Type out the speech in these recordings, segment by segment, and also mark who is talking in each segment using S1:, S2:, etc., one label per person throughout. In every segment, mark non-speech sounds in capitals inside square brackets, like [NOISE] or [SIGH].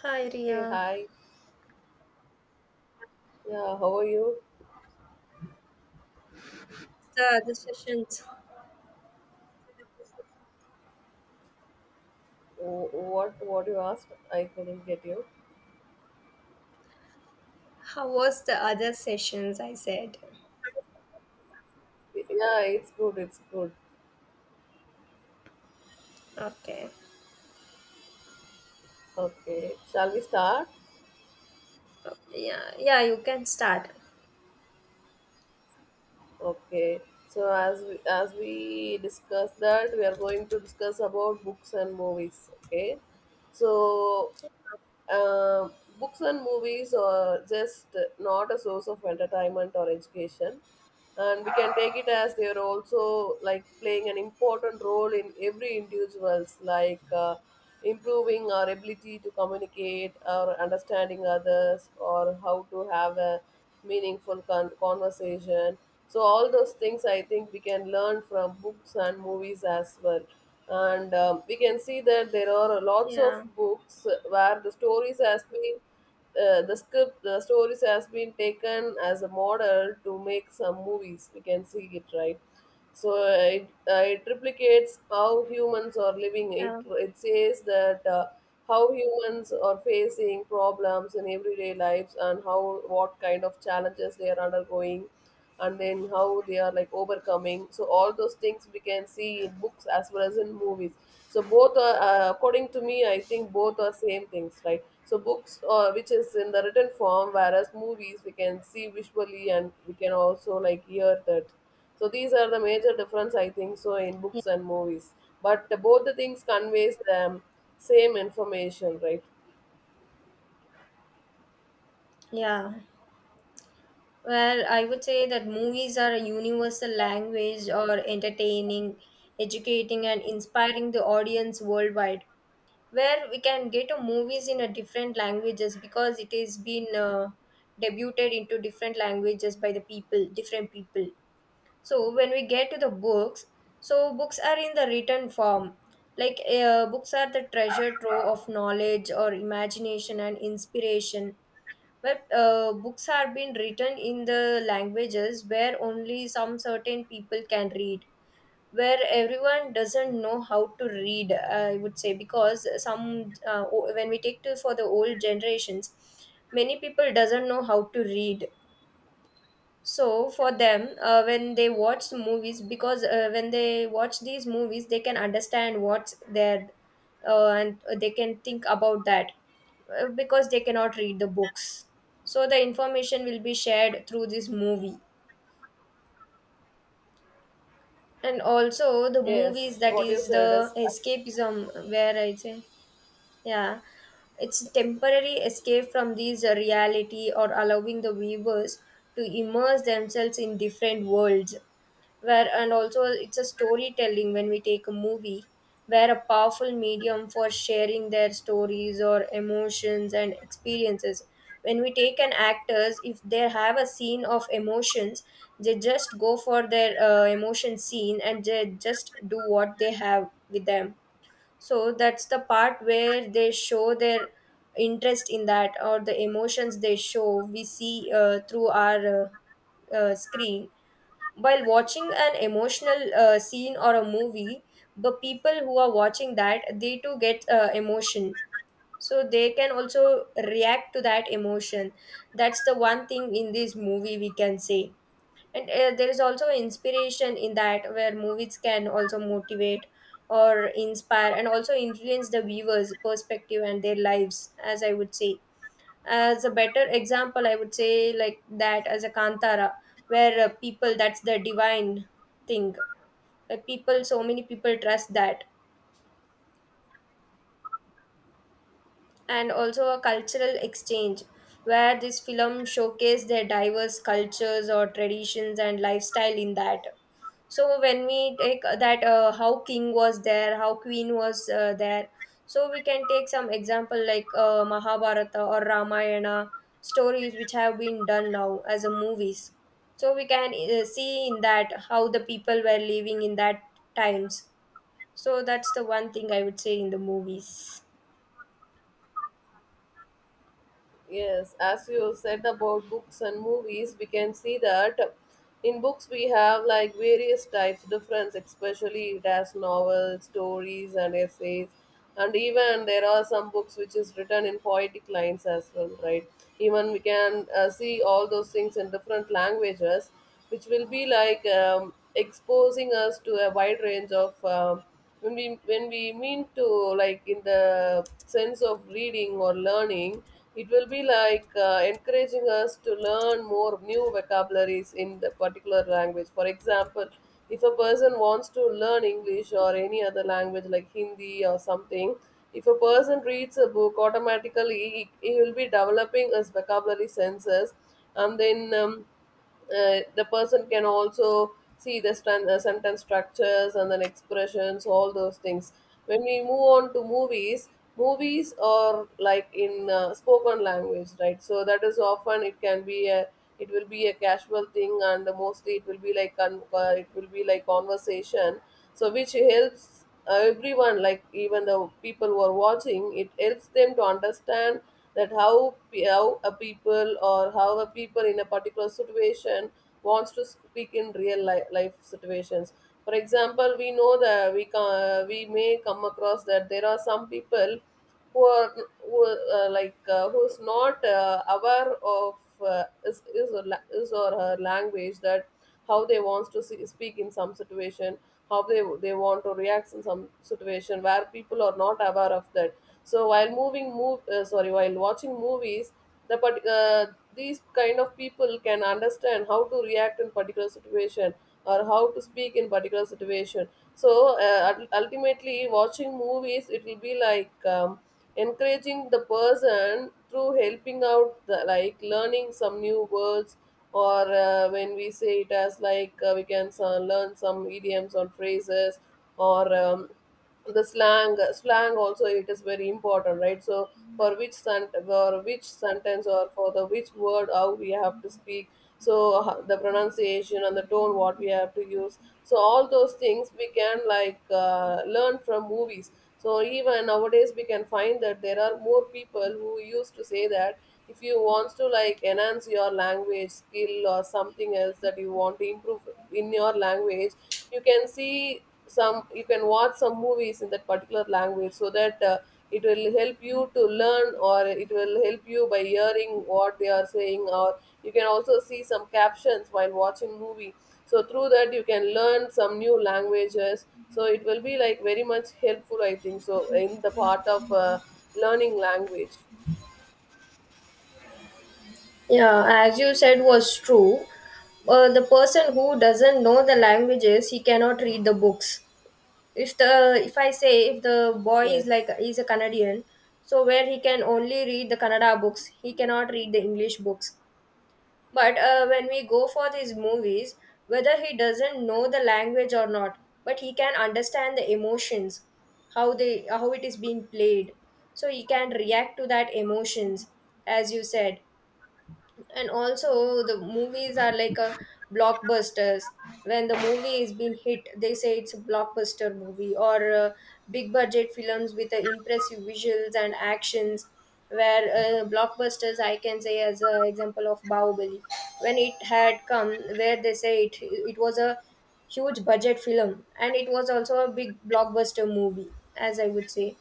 S1: Hi Ria.
S2: Okay, hi. Yeah, how are you?
S1: The other sessions.
S2: What you asked? I couldn't get you.
S1: How was the other sessions? I said.
S2: Yeah, it's good. It's good.
S1: Okay.
S2: Okay. Shall we start?
S1: Yeah. Yeah. You can start.
S2: Okay. So as we discuss that, we are going to discuss about books and movies. Okay. So books and movies are just not a source of entertainment or education. And we can take it as they are also like playing an important role in every individual's like improving our ability to communicate or understanding others or how to have a meaningful conversation. So all those things I think we can learn from books and movies as well. And we can see that there are lots of
S1: Yeah.
S2: books where the stories has been the script, the stories has been taken as a model to make some movies. We can see it, right? So it replicates how humans are living. It,
S1: Yeah.
S2: it says that how humans are facing problems in everyday lives and how what kind of challenges they are undergoing, and then how they are like overcoming. So all those things we can see in books as well as in movies. So both are according to me, I think both are same things, right? So books which is in the written form, whereas movies we can see visually and we can also like hear that. So these are the major difference I think so in books and movies. But both the things conveys the same information, right?
S1: Yeah. Well, I would say that movies are a universal language, or entertaining, educating, and inspiring the audience worldwide. Where we can get a movies in a different languages because it is been debuted into different languages by the people, different people. So when we get to the books, so books are in the written form. Like, books are the treasure trove of knowledge or imagination and inspiration, but books have been written in the languages where only some certain people can read, where everyone doesn't know how to read, I would say, because when we take to for the old generations, many people doesn't know how to read. So for them, when they watch movies, because when they watch these movies, they can understand what's there, and they can think about that, because they cannot read the books. So the information will be shared through this movie, and also the movies,
S2: Yes,
S1: that
S2: what you
S1: is
S2: said
S1: the
S2: is right.
S1: escapism, where I say, yeah, it's temporary escape from these reality, or allowing the viewers to immerse themselves in different worlds, where, and also it's a storytelling when we take a movie, where a powerful medium for sharing their stories or emotions and experiences. When we take an actors, if they have a scene of emotions, they just go for their emotion scene, and they just do what they have with them. So that's the part where they show their interest in that, or the emotions they show, we see through our screen. While watching an emotional scene or a movie, the people who are watching that, they too get emotion, so they can also react to that emotion. That's the one thing in this movie, we can say. And there is also inspiration in that, where movies can also motivate or inspire, and also influence the viewers perspective and their lives, as I would say. As a better example, I would say, like that, as a Kantara, where people, that's the divine thing. People, so many people trust that. And also a cultural exchange, where this film showcased their diverse cultures or traditions and lifestyle in that. So when we take that, how king was there, how queen was there, so we can take some example like Mahabharata or Ramayana, stories which have been done now as a movies. So we can see in that how the people were living in that times. So that's the one thing I would say in the movies.
S2: Yes, as you said about books and movies, we can see that in books we have like various types, difference, especially it has novels, stories, and essays. And even there are some books which is written in poetic lines as well, right? Even we can see all those things in different languages, which will be like exposing us to a wide range of um, when we mean to like in the sense of reading or learning, it will be like encouraging us to learn more new vocabularies in the particular language. For example, if a person wants to learn English or any other language like Hindi or something, if a person reads a book, automatically he will be developing his vocabulary senses. And then the person can also see the sentence structures and then expressions, all those things. When we move on to movies, movies or like in spoken language, right? So that is often it can be a, it will be a casual thing, and mostly it will be like it will be like conversation. So which helps everyone, like even the people who are watching, it helps them to understand that how how a people or how a people in a particular situation wants to speak in real life situations. For example, we know that we may come across that there are some people who are, who, who's not aware of is or her language, that how they wants to see, speak in some situation, how they want to react in some situation, where people are not aware of that. So while moving move sorry while watching movies, the part- uh, these kind of people can understand how to react in particular situation or how to speak in particular situation. So ultimately watching movies, it will be like encouraging the person through helping out like learning some new words, or when we say it as like we can learn some idioms or phrases, or the slang also, it is very important, right? So for which sentence or for the which word, how we have to speak. So the pronunciation and the tone what we have to use, so all those things we can like learn from movies. So even nowadays we can find that there are more people who used to say that if you wants to like enhance your language skill or something else that you want to improve in your language, you can see some you can watch some movies in that particular language, so that it will help you to learn, or it will help you by hearing what they are saying, or you can also see some captions while watching movie. So through that you can learn some new languages. So it will be like very much helpful I think so, in the part of learning language.
S1: Yeah, as you said, was true. The person who doesn't know the languages, he cannot read the books. If I say, if the boy is like
S2: Yes.
S1: he's a Canadian, so where he can only read the Kannada books, he cannot read the English books. But when we go for these movies, whether he doesn't know the language or not, but he can understand the emotions, how it is being played, so he can react to that emotions, as you said. And also the movies are like a blockbusters. When the movie is being hit, they say it's a blockbuster movie, or big budget films with impressive visuals and actions, where blockbusters I can say as an example of Bahubali, when it had come, where they say it was a huge budget film, and it was also a big blockbuster movie, as I would say.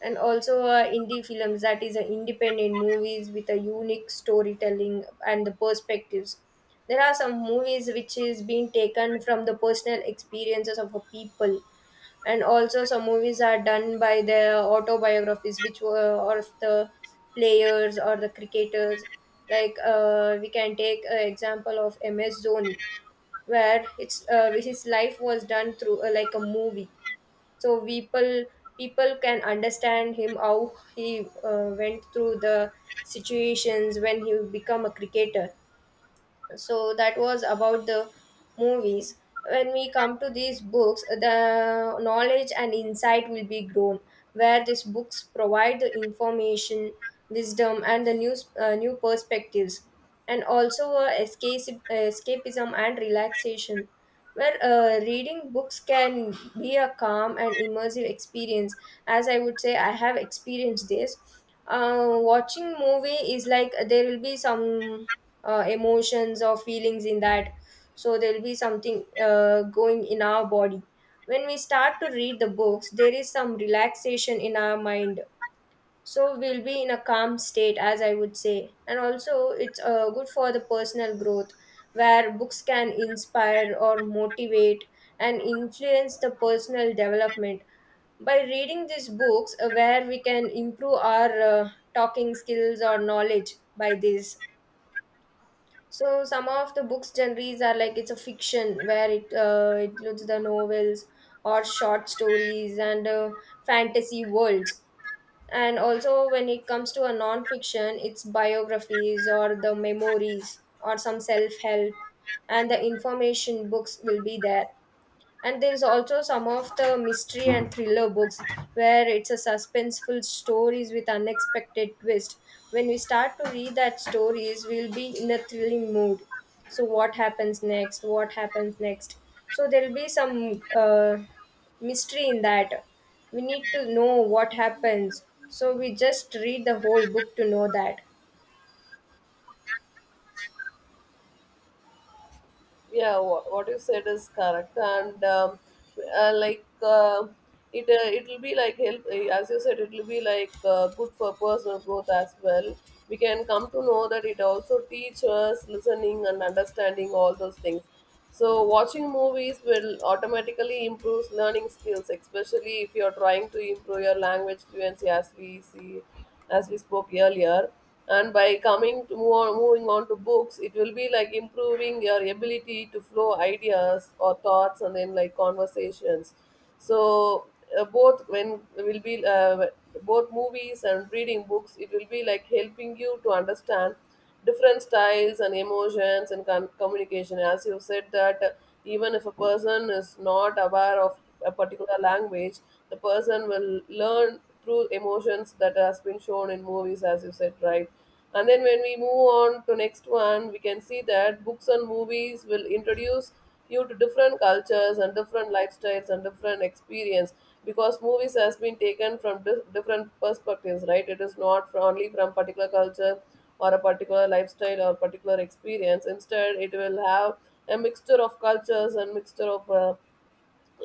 S1: And also indie films, that is independent movies with a unique storytelling and the perspectives. There are some movies which is being taken from the personal experiences of a people. And also some movies are done by the autobiographies which were of the players or the cricketers. Like, we can take an example of MS Dhoni, where it's his life was done through like a movie. So, people can understand him, how he went through the situations when he become a cricketer. So that was about the movies. When we come to these books, the knowledge and insight will be grown, where these books provide the information, wisdom and the new perspectives. And also escapism and relaxation, where reading books can be a calm and immersive experience, as I would say. I have experienced this. Uh, watching movie is like, there will be some emotions or feelings in that, so there will be something going in our body. When we start to read the books, there is some relaxation in our mind, so we'll be in a calm state, as I would say. And also it's good for the personal growth, where books can inspire or motivate and influence the personal development. By reading these books, where we can improve our talking skills or knowledge by this. So some of the books genres are like, it's a fiction where it includes the novels or short stories and fantasy worlds. And also when it comes to a non-fiction, it's biographies or the memories or some self-help and the information books will be there. And there is also some of the mystery and thriller books, where it's a suspenseful stories with unexpected twist. When we start to read that stories, we'll be in a thrilling mood. So what happens next, what happens next, so there'll be some mystery in that. We need to know what happens, so we just read the whole book to know that.
S2: Yeah, what you said is correct. And uh, like uh, it will be like help, as you said, it will be like good for personal growth as well. We can come to know that it also teaches listening and understanding, all those things. So watching movies will automatically improve learning skills, especially if you are trying to improve your language fluency, as we see, as we spoke earlier. And by coming to move on, moving on to books, it will be like improving your ability to flow ideas or thoughts and then like conversations. So both when will be both movies and reading books, it will be like helping you to understand different styles and emotions and communication. As you said that even if a person is not aware of a particular language, the person will learn through emotions that has been shown in movies, as you said, right. And then when we move on to next one, we can see that books and movies will introduce you to different cultures and different lifestyles and different experience. Because movies has been taken from different perspectives, right? It is not only from particular culture or a particular lifestyle or particular experience. Instead, it will have a mixture of cultures and mixture of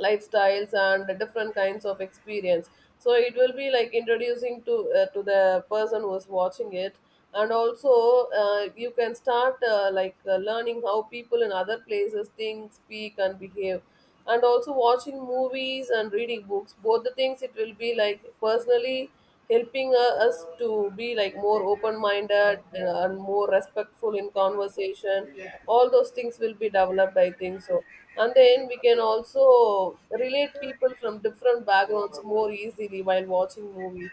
S2: lifestyles and different kinds of experience. So it will be like introducing to the person who's watching it. And also you can start learning how people in other places think, speak and behave. And also watching movies and reading books, both the things, it will be like personally helping us to be like more open minded and more respectful in conversation. All those things will be developed I think so. And then we can also relate people from different backgrounds more easily while watching movies,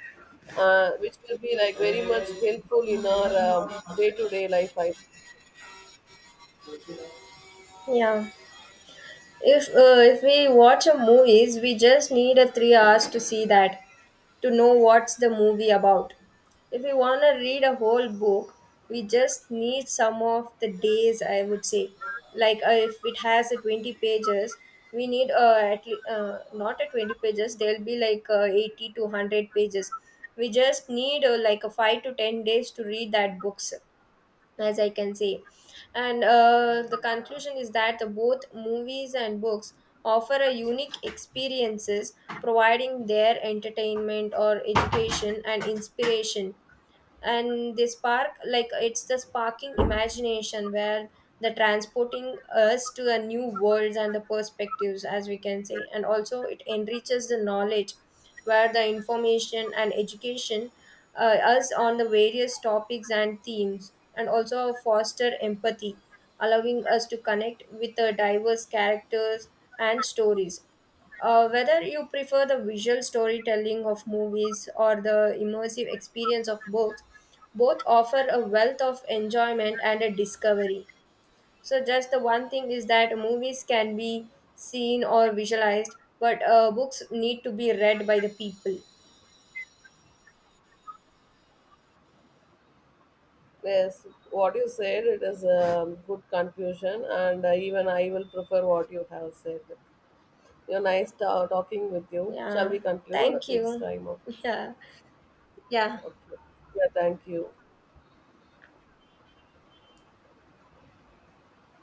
S2: which will be like very much helpful in our day-to-day life. I,
S1: Yeah. If we watch a movies, we just need a 3 hours to see that, to know what's the movie about. If we wanna read a whole book, we just need some of the days, I would say. Like, if it has a 20 pages, we need not a 20 pages. There'll be like 80 to 100 pages. We just need like a 5 to 10 days to read that books, as I can say. And the conclusion is that the both movies and books offer a unique experiences, providing their entertainment or education and inspiration. And they spark like it's the sparking imagination, where the transporting us to the new worlds and the perspectives, as we can say. And also it enriches the knowledge, where the information and education us on the various topics and themes, and also foster empathy, allowing us to connect with the diverse characters and stories. Uh, whether you prefer the visual storytelling of movies or the immersive experience of books, both offer a wealth of enjoyment and a discovery. So, just the one thing is that movies can be seen or visualized, but books need to be read by the people.
S2: yes, what you said, it is a good conclusion. And even I will prefer what you have said. You're nice talking with you. Shall
S1: Yeah,
S2: we conclude?
S1: thank
S2: It's
S1: you.
S2: time up.
S1: [LAUGHS] Yeah, yeah.
S2: Okay. Yeah, thank you.